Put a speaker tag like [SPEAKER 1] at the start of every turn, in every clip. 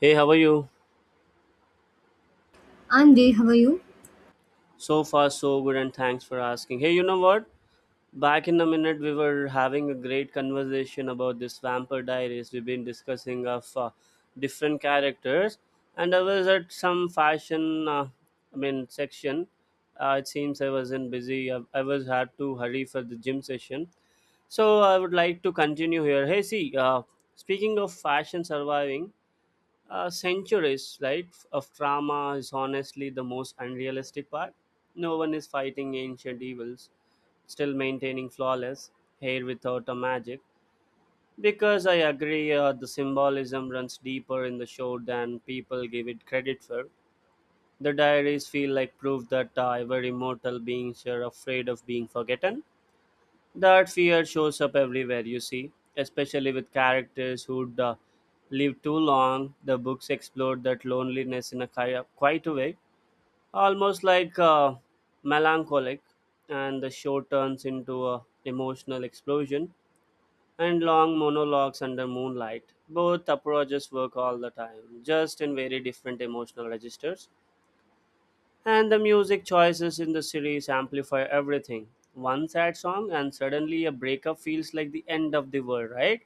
[SPEAKER 1] Hey, how are you?
[SPEAKER 2] I'm there, how are you?
[SPEAKER 1] So far, so good, and thanks for asking. Hey, you know what? Back in a minute, we were having a great conversation about this Vampire Diaries. We've been discussing of different characters, and I was at some fashion, I mean, section. It seems I wasn't busy. I was had to hurry for the gym session. So I would like to continue here. Hey, see, speaking of fashion surviving, centuries, right, of trauma is honestly the most unrealistic part. No one is fighting ancient evils, still maintaining flawless hair without a magic. Because I agree, the symbolism runs deeper in the show than people give it credit for. The diaries feel like proof that every mortal beings are afraid of being forgotten. That fear shows up everywhere, you see, especially with characters who'd lived too long. The books explore that loneliness in a quite a way, almost like melancholic, and the show turns into a emotional explosion and long monologues under moonlight. Both approaches work all the time, just in very different emotional registers. And the music choices in the series amplify everything. One sad song, and suddenly a breakup feels like the end of the world, right?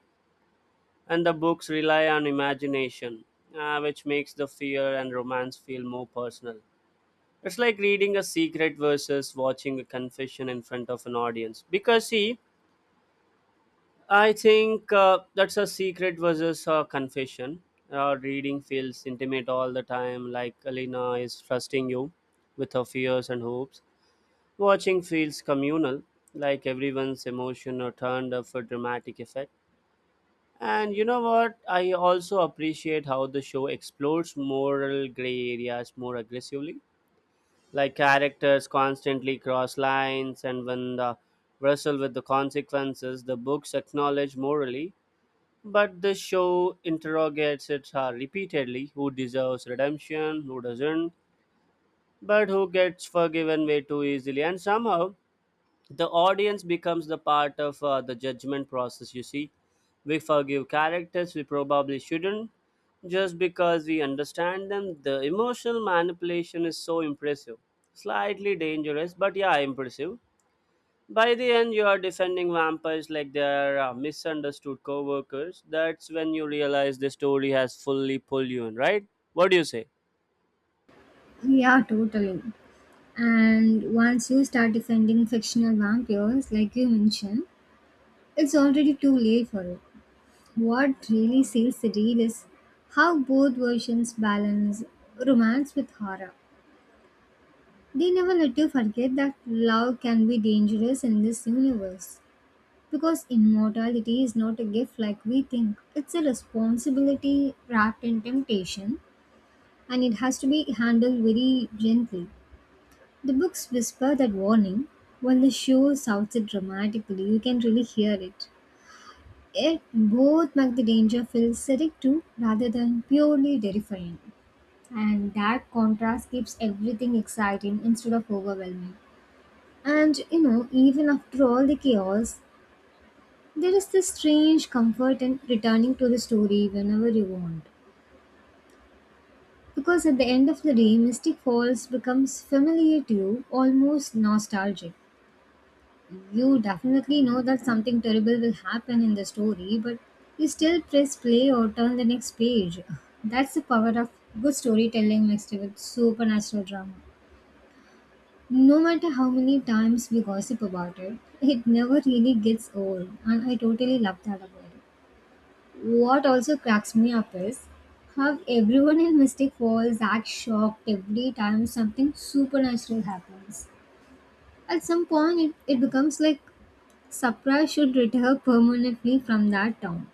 [SPEAKER 1] And the books rely on imagination, which makes the fear and romance feel more personal. It's like reading a secret versus watching a confession in front of an audience. Because, see, I think that's a secret versus a confession. Reading feels intimate all the time, like Alina is trusting you with her fears and hopes. Watching feels communal, like everyone's emotion are turned up for dramatic effect. And you know what? I also appreciate how the show explores moral gray areas more aggressively. Like characters constantly cross lines, and when the wrestle with the consequences, the books acknowledge morally, but the show interrogates it repeatedly who deserves redemption, who doesn't, but who gets forgiven way too easily. And somehow, the audience becomes the part of the judgment process, you see. We forgive characters we probably shouldn't just because we understand them. The emotional manipulation is so impressive, slightly dangerous, but yeah, impressive. By the end, you are defending vampires like they are misunderstood co-workers. That's when you realize the story has fully pulled you in, right? What do you say?
[SPEAKER 2] Yeah, totally. And once you start defending fictional vampires, like you mentioned, it's already too late for it. What really seals the deal is how both versions balance romance with horror. They never let you forget that love can be dangerous in this universe. Because immortality is not a gift like we think, it's a responsibility wrapped in temptation, and it has to be handled very gently. The books whisper that warning, while the show shouts it dramatically. You can really hear it. Yet, both make the danger feel acidic too, rather than purely terrifying. And that contrast keeps everything exciting instead of overwhelming. And you know, even after all the chaos, there is this strange comfort in returning to the story whenever you want. Because at the end of the day, Mystic Falls becomes familiar to you, almost nostalgic. You definitely know that something terrible will happen in the story, but you still press play or turn the next page. That's the power of good storytelling mixed with supernatural drama. No matter how many times we gossip about it, it never really gets old, and I totally love that about it. What also cracks me up is how everyone in Mystic Falls acts shocked every time something supernatural happens. At some point, it becomes like Sapra should retire permanently from that town.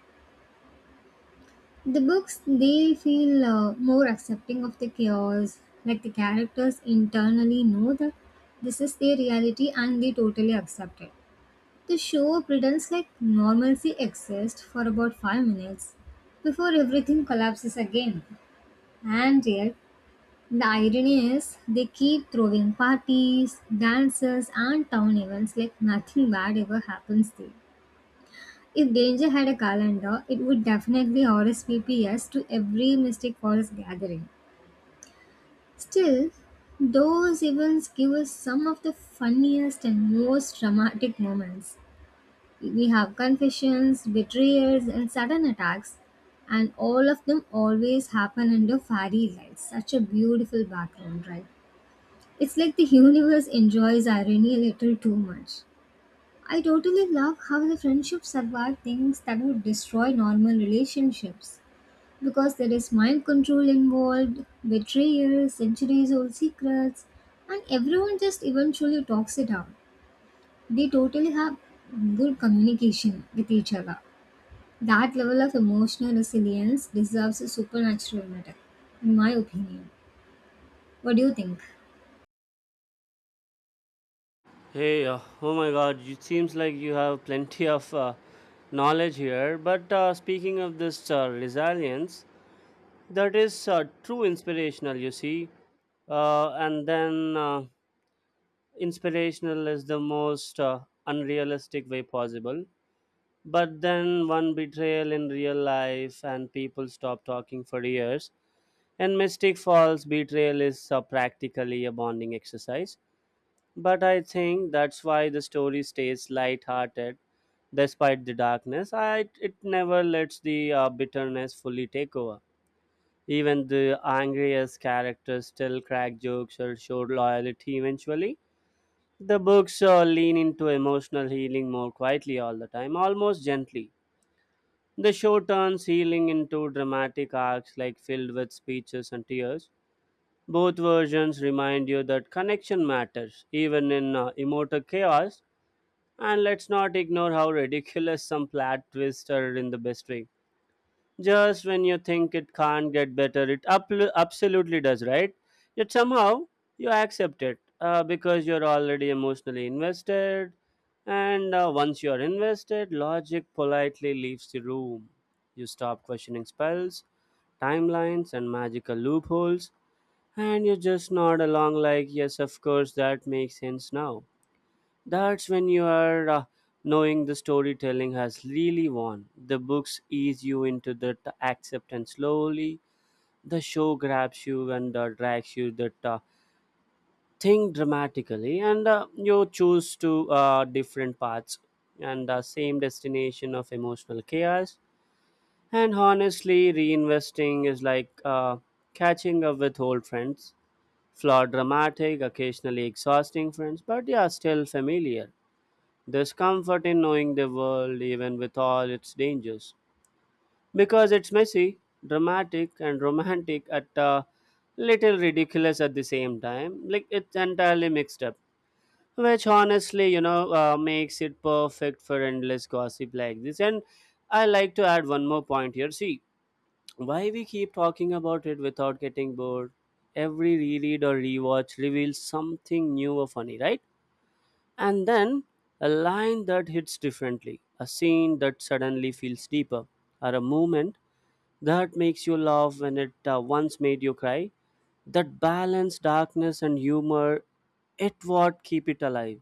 [SPEAKER 2] The books they feel more accepting of the chaos, like the characters internally know that this is their reality and they totally accept it. The show pretends like normalcy exists for about 5 minutes before everything collapses again. And yet, the irony is they keep throwing parties, dances, and town events like nothing bad ever happens there. If Danger had a calendar, it would definitely RSVP us to every Mystic Forest gathering. Still, those events give us some of the funniest and most dramatic moments. We have confessions, betrayals, and sudden attacks, and all of them always happen under fairy lights. Such a beautiful background, right? It's like the universe enjoys irony a little too much. I totally love how the friendship survived things that would destroy normal relationships. Because there is mind control involved, betrayal, centuries old secrets, and everyone just eventually talks it out. They totally have good communication with each other. That level of emotional resilience deserves a supernatural medal, in my opinion. What do you think?
[SPEAKER 1] Hey, oh my god, it seems like you have plenty of knowledge here. But speaking of this resilience, that is true inspirational, you see. And then inspirational is the most unrealistic way possible. But then one betrayal in real life, and people stop talking for years. And Mystic Falls betrayal is practically a bonding exercise, but I think that's why the story stays light-hearted. Despite the darkness, it never lets the bitterness fully take over. Even the angriest characters still crack jokes or show loyalty eventually. The books lean into emotional healing more quietly all the time, almost gently. The show turns healing into dramatic arcs like filled with speeches and tears. Both versions remind you that connection matters, even in immortal chaos. And let's not ignore how ridiculous some plot twists are in the best way. Just when you think it can't get better, it absolutely does, right? Yet somehow, you accept it because you're already emotionally invested, and once you're invested, logic politely leaves the room. You stop questioning spells, timelines, and magical loopholes, and you just nod along like yes, of course, that makes sense now. That's when you are knowing the storytelling has really won. The books ease you into that acceptance slowly. The show grabs you and drags you that thing dramatically, and you choose to different paths and same destination of emotional chaos. And honestly, reinvesting is like catching up with old friends. Flawed, dramatic, occasionally exhausting friends, but yeah, still familiar. There's comfort in knowing the world, even with all its dangers, because it's messy, dramatic, and romantic at a little ridiculous at the same time. Like it's entirely mixed up, which honestly, makes it perfect for endless gossip like this. And I like to add one more point here. See, why we keep talking about it without getting bored? Every reread or rewatch reveals something new or funny, right? And then a line that hits differently, a scene that suddenly feels deeper, or a moment that makes you laugh when it once made you cry. That balance, darkness, and humor, it what keep it alive.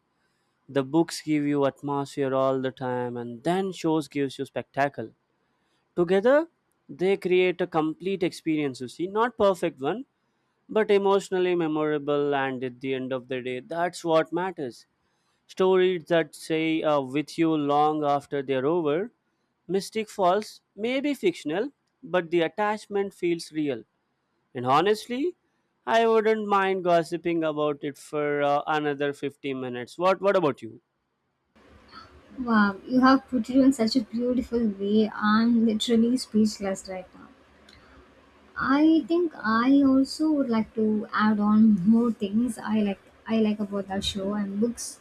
[SPEAKER 1] The books give you atmosphere all the time, and then shows gives you spectacle. Together, they create a complete experience. You see, not perfect one, but emotionally memorable, and at the end of the day, that's what matters. Stories that stay with you long after they're over. Mystic Falls may be fictional, but the attachment feels real. And honestly, I wouldn't mind gossiping about it for another 50 minutes. What about you?
[SPEAKER 2] Wow, you have put it in such a beautiful way. I'm literally speechless right now. I think I also would like to add on more things I like about that show and books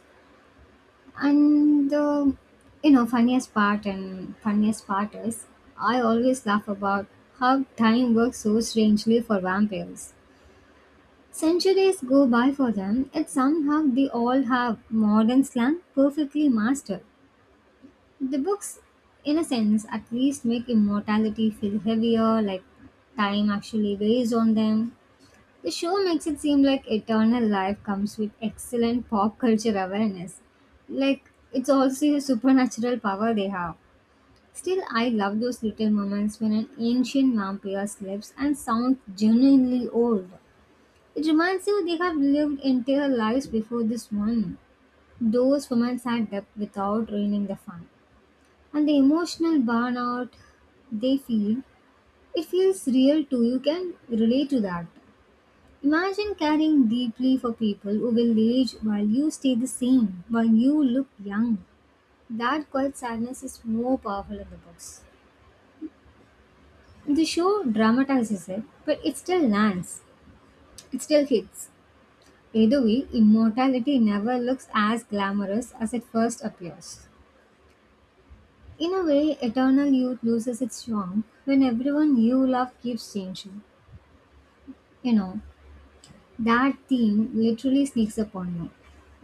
[SPEAKER 2] and the you know funniest part and funniest part is I always laugh about how time works so strangely for vampires. Centuries go by for them, yet somehow they all have modern slang perfectly mastered. The books, in a sense, at least make immortality feel heavier, like time actually weighs on them. The show makes it seem like Eternal Life comes with excellent pop culture awareness. Like, it's also a supernatural power they have. Still, I love those little moments when an ancient vampire slips and sounds genuinely old. It reminds you they have lived entire lives before this one. Those moments add depth without ruining the fun. And the emotional burnout they feel, it feels real too. You can relate to that. Imagine caring deeply for people who will age while you stay the same, while you look young. That quiet sadness is more powerful in the books. The show dramatizes it, but it still lands. It still hits. Either way, immortality never looks as glamorous as it first appears. In a way, eternal youth loses its charm when everyone you love keeps changing. You know, that theme literally sneaks up on you,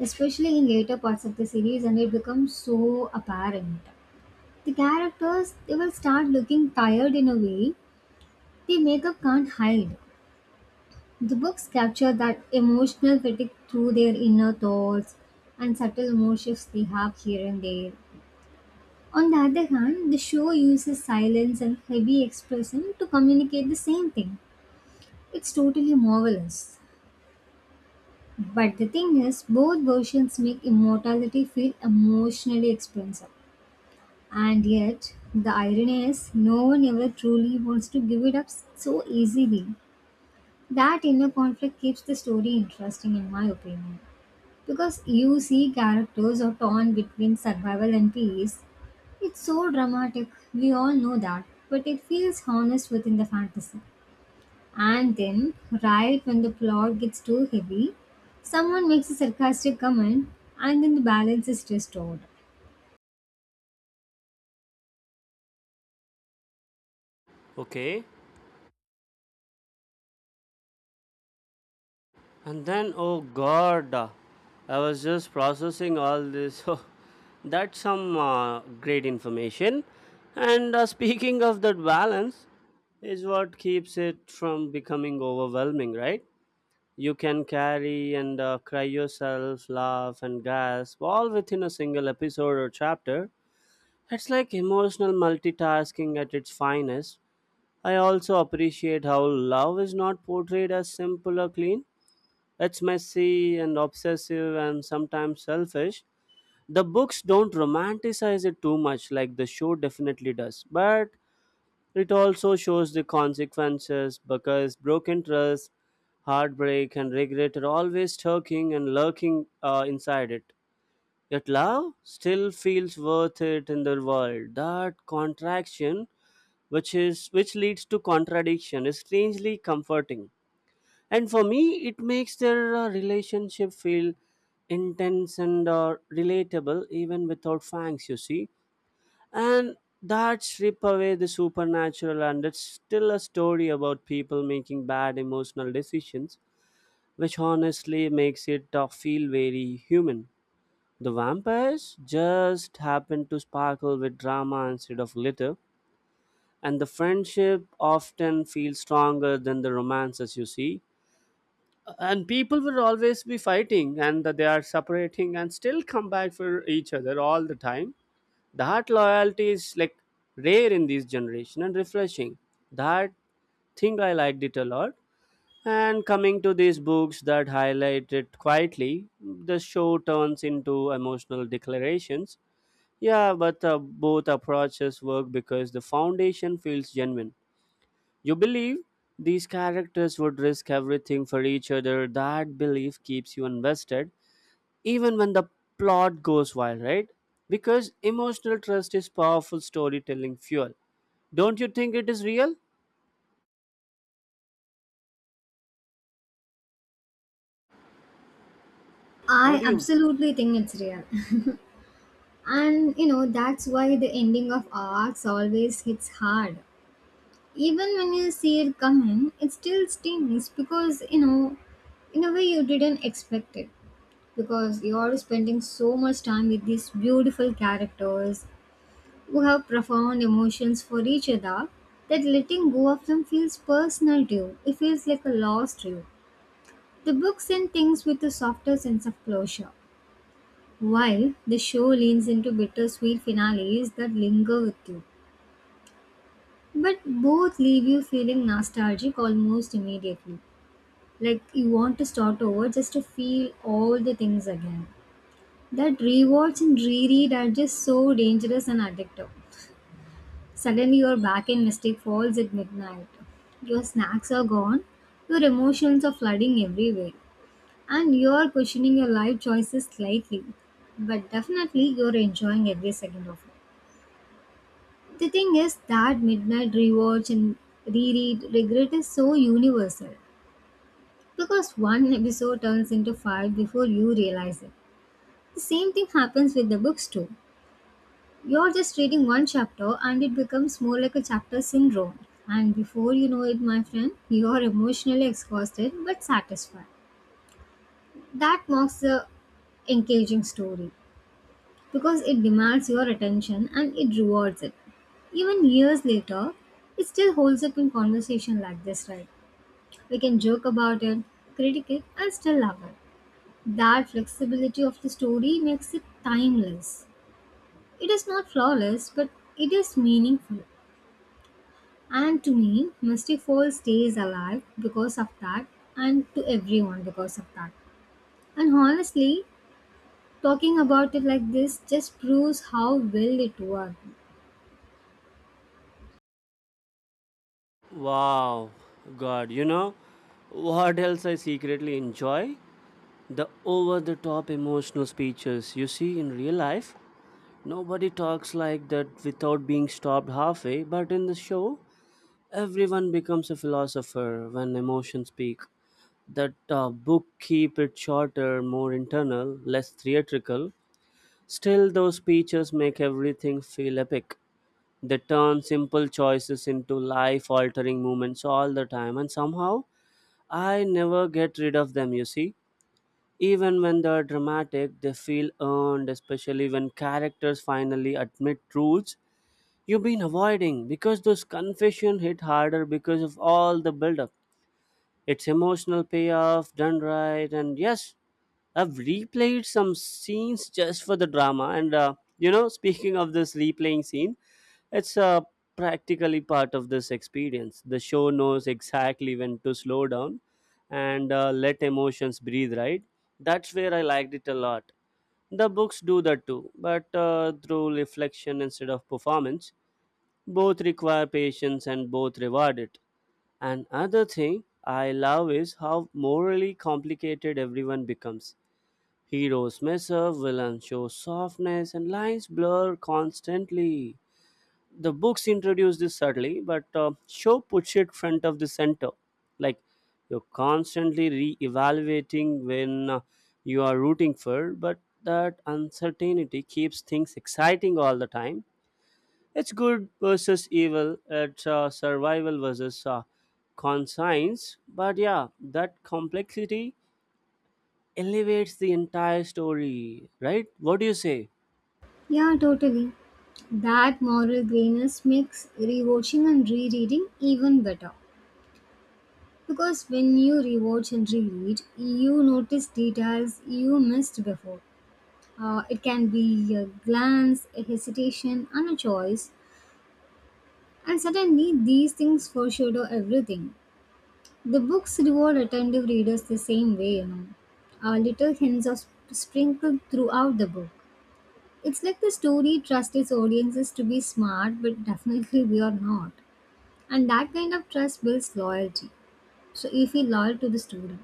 [SPEAKER 2] especially in later parts of the series, and it becomes so apparent. The characters they will start looking tired in a way the makeup can't hide. The books capture that emotional fatigue through their inner thoughts and subtle mood shifts they have here and there. On the other hand, the show uses silence and heavy expression to communicate the same thing. It's totally marvelous. But the thing is, both versions make immortality feel emotionally expensive. And yet, the irony is, no one ever truly wants to give it up so easily. That inner conflict keeps the story interesting, in my opinion. Because you see characters are torn between survival and peace. It's so dramatic, we all know that, but it feels honest within the fantasy. And then, right when the plot gets too heavy, someone makes a sarcastic comment and then the balance is restored.
[SPEAKER 1] Okay. And then oh god, I was just processing all this. Oh, that's some great information. And speaking of that balance, is what keeps it from becoming overwhelming, right? You can carry and cry yourself, laugh and gasp, all within a single episode or chapter. It's like emotional multitasking at its finest. I also appreciate how love is not portrayed as simple or clean. It's messy and obsessive and sometimes selfish. The books don't romanticize it too much, like the show definitely does. But it also shows the consequences because broken trust, heartbreak, and regret are always lurking and lurking inside it. Yet love still feels worth it in the world. That contraction, which leads to contradiction, is strangely comforting. And for me, it makes their relationship feel intense and relatable even without fangs. You see, and that strip away the supernatural and it's still a story about people making bad emotional decisions, which honestly makes it feel very human. The vampires just happen to sparkle with drama instead of glitter, and the friendship often feels stronger than the romances, you see. And people will always be fighting and they are separating and still come back for each other all the time. That loyalty is like rare in this generation and refreshing. That thing I liked it a lot. And coming to these books that highlight it quietly, the show turns into emotional declarations. Yeah, but both approaches work because the foundation feels genuine. You believe these characters would risk everything for each other. That belief keeps you invested even when the plot goes wild, right? Because emotional trust is powerful storytelling fuel. Don't you think it is real? What
[SPEAKER 2] I
[SPEAKER 1] do you?
[SPEAKER 2] absolutely think it's real. And you know, that's why the ending of arcs always hits hard. Even when you see it coming, it still stings because you know, in a way, you didn't expect it because you're spending so much time with these beautiful characters who have profound emotions for each other that letting go of them feels personal to you. It feels like a loss to you. The book sends things with a softer sense of closure, while the show leans into bittersweet finales that linger with you. But both leave you feeling nostalgic almost immediately. Like you want to start over just to feel all the things again. That rewards and reread are just so dangerous and addictive. Suddenly you're back in Mystic Falls at midnight. Your snacks are gone, your emotions are flooding everywhere, and you're questioning your life choices slightly. But definitely you're enjoying every second of it. The thing is that midnight rewatch and reread regret is so universal because one episode turns into five before you realize it. The same thing happens with the books too. You're just reading one chapter and it becomes more like a chapter syndrome. And before you know it, my friend, you're emotionally exhausted but satisfied. That marks the engaging story because it demands your attention and it rewards it. Even years later, it still holds up in conversation like this, right? We can joke about it, critique it, and still love it. That flexibility of the story makes it timeless. It is not flawless, but it is meaningful. And to me, Mystic Falls stays alive because of that, and to everyone because of that. And honestly, talking about it like this just proves how well it worked.
[SPEAKER 1] Wow, God, you know what else I secretly enjoy? The over the top emotional speeches. You see, in real life, nobody talks like that without being stopped halfway, but in the show, everyone becomes a philosopher when emotions speak. That book keep it shorter, more internal, less theatrical. Still, those speeches make everything feel epic. They turn simple choices into life altering moments all the time, and somehow I never get rid of them, you see. Even when they're dramatic, they feel earned, especially when characters finally admit truths you've been avoiding because those confession hit harder because of all the build up. It's emotional payoff done right, and yes, I've replayed some scenes just for the drama. And speaking of this replaying scene, it's practically part of this experience. The show knows exactly when to slow down and let emotions breathe, right? That's where I liked it a lot. The books do that too, but through reflection instead of performance. Both require patience and both reward it. Another thing I love is how morally complicated everyone becomes. Heroes mess up, villains show softness, and lines blur constantly. The books introduce this subtly, but show puts it front of the center. Like you're constantly re-evaluating when you are rooting for, but that uncertainty keeps things exciting all the time. It's good versus evil. It's survival versus conscience. But yeah, that complexity elevates the entire story, right? What do you say?
[SPEAKER 2] Yeah, totally. That moral grayness makes rewatching and rereading even better. Because when you rewatch and reread, you notice details you missed before. It can be a glance, a hesitation, and a choice. And suddenly, these things foreshadow everything. The books reward attentive readers the same way, you know. Little hints are sprinkled throughout the book. It's like the story trusts its audiences to be smart, but definitely we are not. And that kind of trust builds loyalty. So you feel loyal to the story.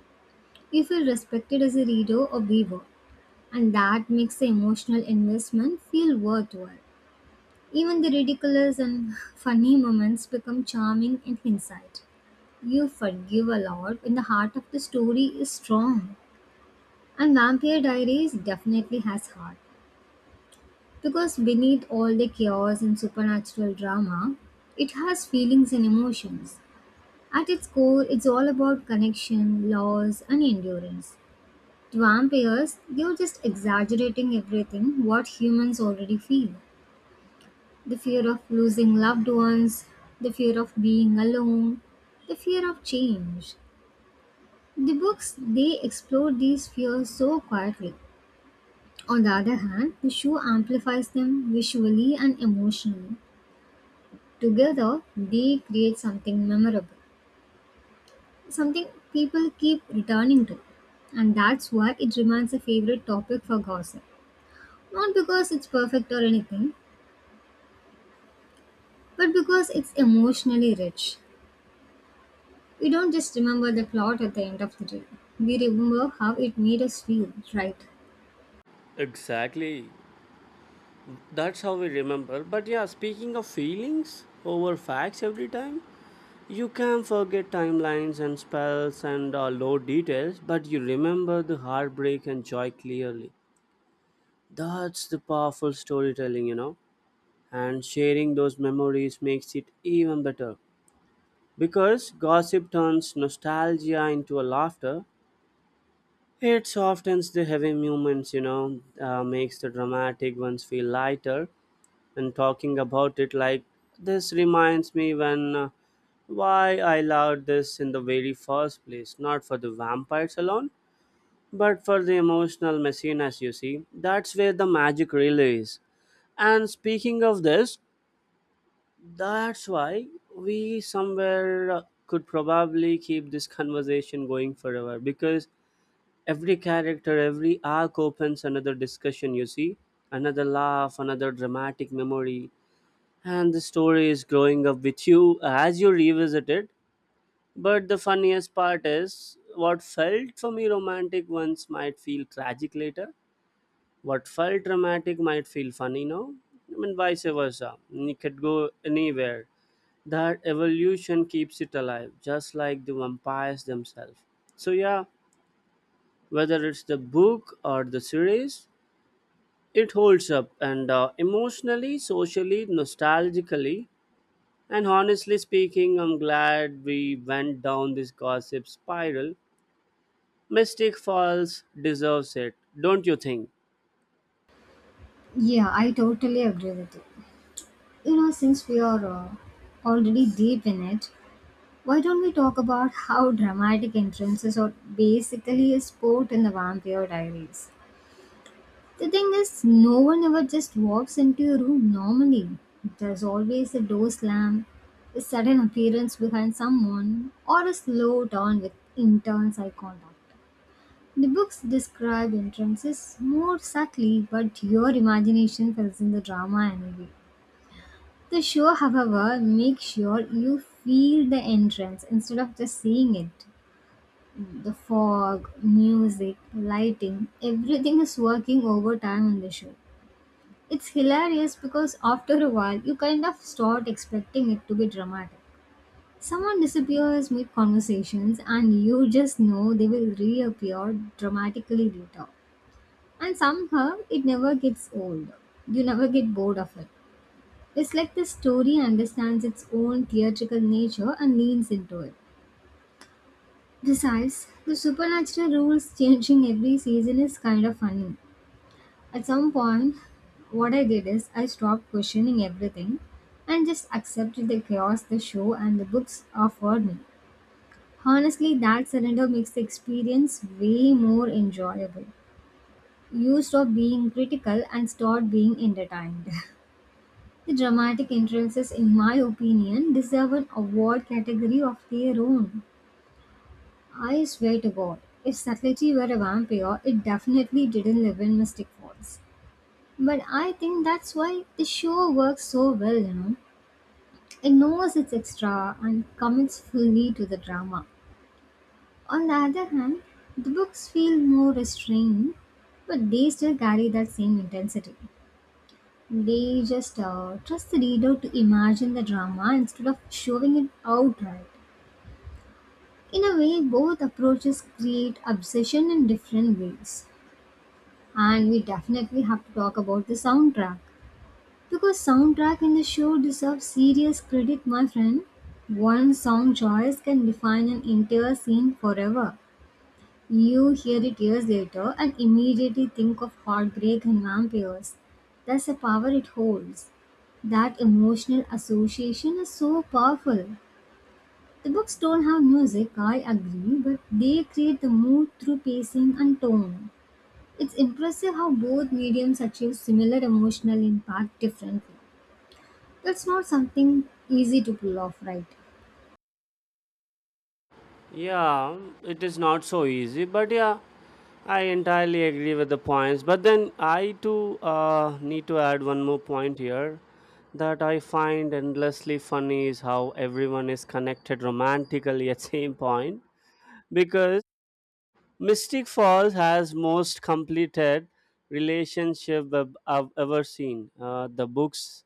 [SPEAKER 2] You feel respected as a reader or viewer. And that makes the emotional investment feel worthwhile. Even the ridiculous and funny moments become charming in hindsight. You forgive a lot when the heart of the story is strong. And Vampire Diaries definitely has heart because beneath all the chaos and supernatural drama, it has feelings and emotions. At its core, it's all about connection, loss, and endurance. To vampires, they're just exaggerating everything what humans already feel the fear of losing loved ones, the fear of being alone, the fear of change. The books they explore these fears so quietly. On the other hand, the show amplifies them visually and emotionally. Together, they create something memorable, something people keep returning to. And that's why it remains a favorite topic for gossip. Not because it's perfect or anything, but because it's emotionally rich. We don't just remember the plot at the end of the day, we remember how it made us feel, right?
[SPEAKER 1] Exactly. That's how we remember. But yeah, speaking of feelings over facts every time, you can forget timelines and spells and low details, but you remember the heartbreak and joy clearly. That's the powerful storytelling, you know. And sharing those memories makes it even better. Because gossip turns nostalgia into a laughter, it softens the heavy moments, makes the dramatic ones feel lighter. And talking about it like this reminds me when why I loved this in the very first place, not for the vampires alone, but for the emotional messiness, you see. That's where the magic really is. And speaking of this, that's why we somewhere could probably keep this conversation going forever because every character, every arc opens another discussion, you see, another laugh, another dramatic memory. And the story is growing up with you as you revisit it. But the funniest part is what felt for me romantic once might feel tragic later. What felt dramatic might feel funny now. I mean, vice versa. And it could go anywhere. That evolution keeps it alive, just like the vampires themselves. So yeah, whether it's the book or the series, it holds up, and emotionally, socially, nostalgically. And honestly speaking, I'm glad we went down this gossip spiral. Mystic Falls deserves it, don't you think?
[SPEAKER 2] Yeah, I totally agree with you. You know, since we are already deep in it, why don't we talk about how dramatic entrances are basically a sport in the Vampire Diaries? The thing is, no one ever just walks into your room normally. There's always a door slam, a sudden appearance behind someone, or a slow turn with intense eye contact. The books describe entrances more subtly, but your imagination fills in the drama anyway. The show, however, makes sure you feel the entrance instead of just seeing it. The fog, music, lighting, everything is working overtime on the show. It's hilarious because after a while you kind of start expecting it to be dramatic. Someone disappears mid conversations and you just know they will reappear dramatically later. And somehow it never gets old. You never get bored of it. It's like the story understands its own theatrical nature and leans into it. Besides, the supernatural rules changing every season is kind of funny. At some point, what I did is I stopped questioning everything and just accepted the chaos the show and the books offered me. Honestly, that surrender makes the experience way more enjoyable. You stop being critical and start being entertained. The dramatic entrances, in my opinion, deserve an award category of their own. I swear to God, if Satyajit were a vampire, it definitely didn't live in Mystic Falls. But I think that's why the show works so well, It knows its extra and commits fully to the drama. On the other hand, the books feel more restrained, but they still carry that same intensity. They just trust the reader to imagine the drama instead of showing it outright. In a way, both approaches create obsession in different ways. And we definitely have to talk about the soundtrack. Because soundtrack in the show deserves serious credit, my friend. One song choice can define an entire scene forever. You hear it years later and immediately think of heartbreak and vampires. That's the power it holds. That emotional association is so powerful. The books don't have music, I agree, but they create the mood through pacing and tone. It's impressive how both mediums achieve similar emotional impact differently. That's not something easy to pull off, right?
[SPEAKER 1] Yeah, it is not so easy, but yeah, I entirely agree with the points. But then I too need to add one more point here that I find endlessly funny is how everyone is connected romantically at same point because Mystic Falls has most completed relationship I've ever seen. The books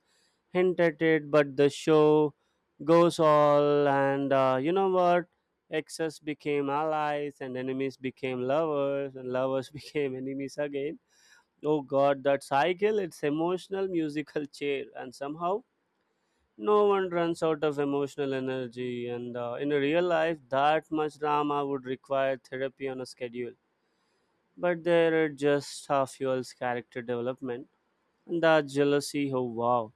[SPEAKER 1] hint at it, but the show goes all, and you know what? Exes became allies, and enemies became lovers, and lovers became enemies again. Oh God, that cycle! It's emotional musical chair, and somehow no one runs out of emotional energy. And in a real life, that much drama would require therapy on a schedule, but there are just half fuel's character development. And that jealousy, oh wow,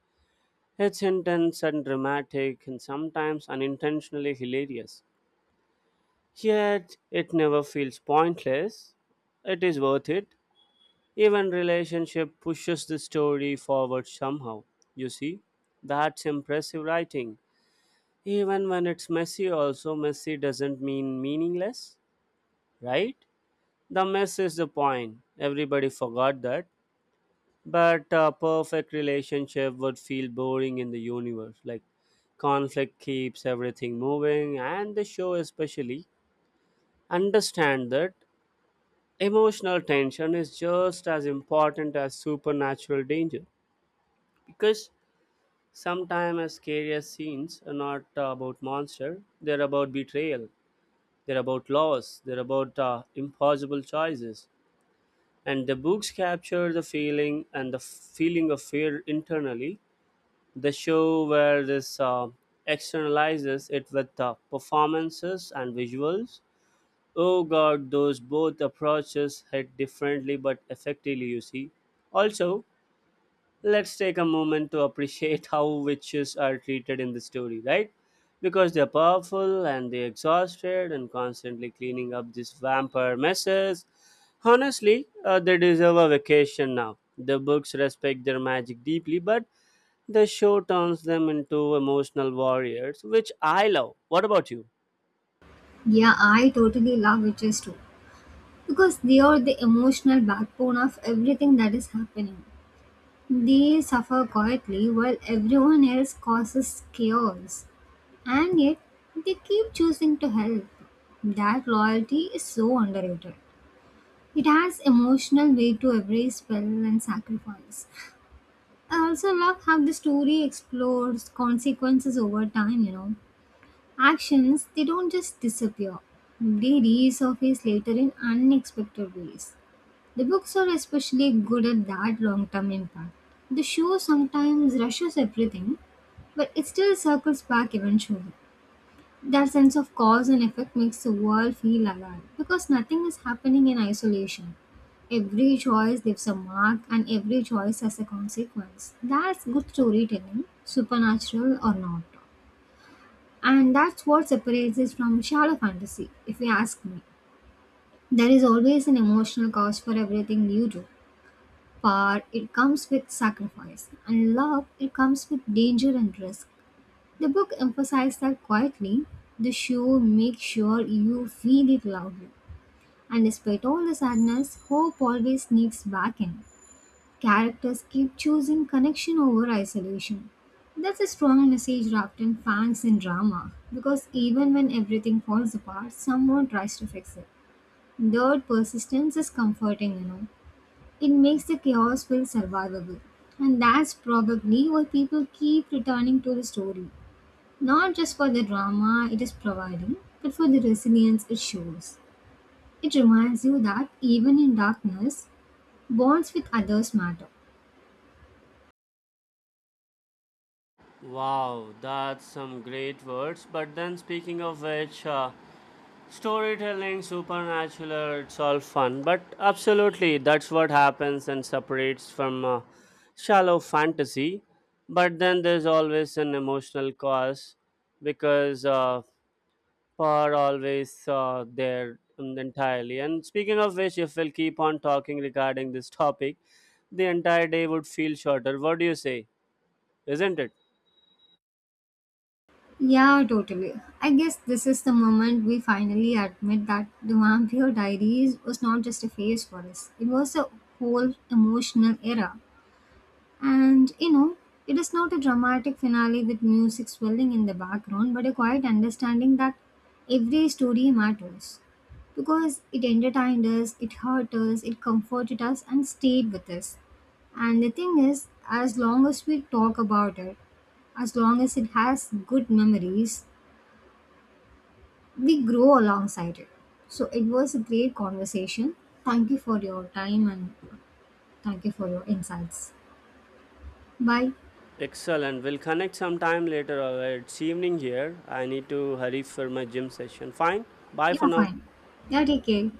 [SPEAKER 1] it's intense and dramatic and sometimes unintentionally hilarious, yet it never feels pointless. It is worth it. Even relationship pushes the story forward somehow, you see. That's impressive writing, even when it's messy. Also, messy doesn't mean meaningless, right? The mess is the point. Everybody forgot that. But a perfect relationship would feel boring in the universe. Like, conflict keeps everything moving, and the show especially. Understand that emotional tension is just as important as supernatural danger. Because sometimes, as scary scenes are not about monster, they're about betrayal, they're about loss, they're about impossible choices. And the books capture the feeling and the feeling of fear internally. The show where this externalizes it with performances and visuals. Oh god, those both approaches hit differently but effectively, you see. Also, let's take a moment to appreciate how witches are treated in the story, right? Because they're powerful and they're exhausted and constantly cleaning up these vampire messes. Honestly, they deserve a vacation now. The books respect their magic deeply, but the show turns them into emotional warriors, which I love. What about you?
[SPEAKER 2] Yeah, I totally love witches too. Because they are the emotional backbone of everything that is happening. They suffer quietly while everyone else causes chaos. And yet, they keep choosing to help. That loyalty is so underrated. It has emotional weight to every spell and sacrifice. I also love how the story explores consequences over time, Actions, they don't just disappear. They resurface later in unexpected ways. The books are especially good at that long-term impact. The show sometimes rushes everything, but it still circles back eventually. That sense of cause and effect makes the world feel alive because nothing is happening in isolation. Every choice leaves a mark and every choice has a consequence. That's good storytelling, supernatural or not. And that's what separates it from shallow fantasy, if you ask me. There is always an emotional cost for everything you do. Power, it comes with sacrifice, and love, it comes with danger and risk. The book emphasized that quietly, the show makes sure you feel it loudly. And despite all the sadness, hope always sneaks back in. Characters keep choosing connection over isolation. That's a strong message wrapped in facts and drama, because even when everything falls apart, someone tries to fix it. Third, persistence is comforting, It makes the chaos feel survivable. And that's probably why people keep returning to the story. Not just for the drama it is providing, but for the resilience it shows. It reminds you that even in darkness, bonds with others matter.
[SPEAKER 1] Wow, that's some great words. But then, speaking of which, storytelling, supernatural, it's all fun. But absolutely, that's what happens and separates from shallow fantasy. But then, there's always an emotional cause because are always there entirely. And speaking of which, if we'll keep on talking regarding this topic, the entire day would feel shorter. What do you say? Isn't it?
[SPEAKER 2] Yeah, totally. I guess this is the moment we finally admit that the Vampire Diaries was not just a phase for us, it was a whole emotional era. And you know, it is not a dramatic finale with music swelling in the background, but a quiet understanding that every story matters. Because it entertained us, it hurt us, it comforted us, and stayed with us. And the thing is, as long as we talk about it, as long as it has good memories, we grow alongside it. So it was a great conversation. Thank you for your time and thank you for your insights. Bye.
[SPEAKER 1] Excellent. We'll connect sometime later. It's evening here. I need to hurry for my gym session. Fine. Bye for
[SPEAKER 2] Yeah,
[SPEAKER 1] now.
[SPEAKER 2] fine. Yeah, take care.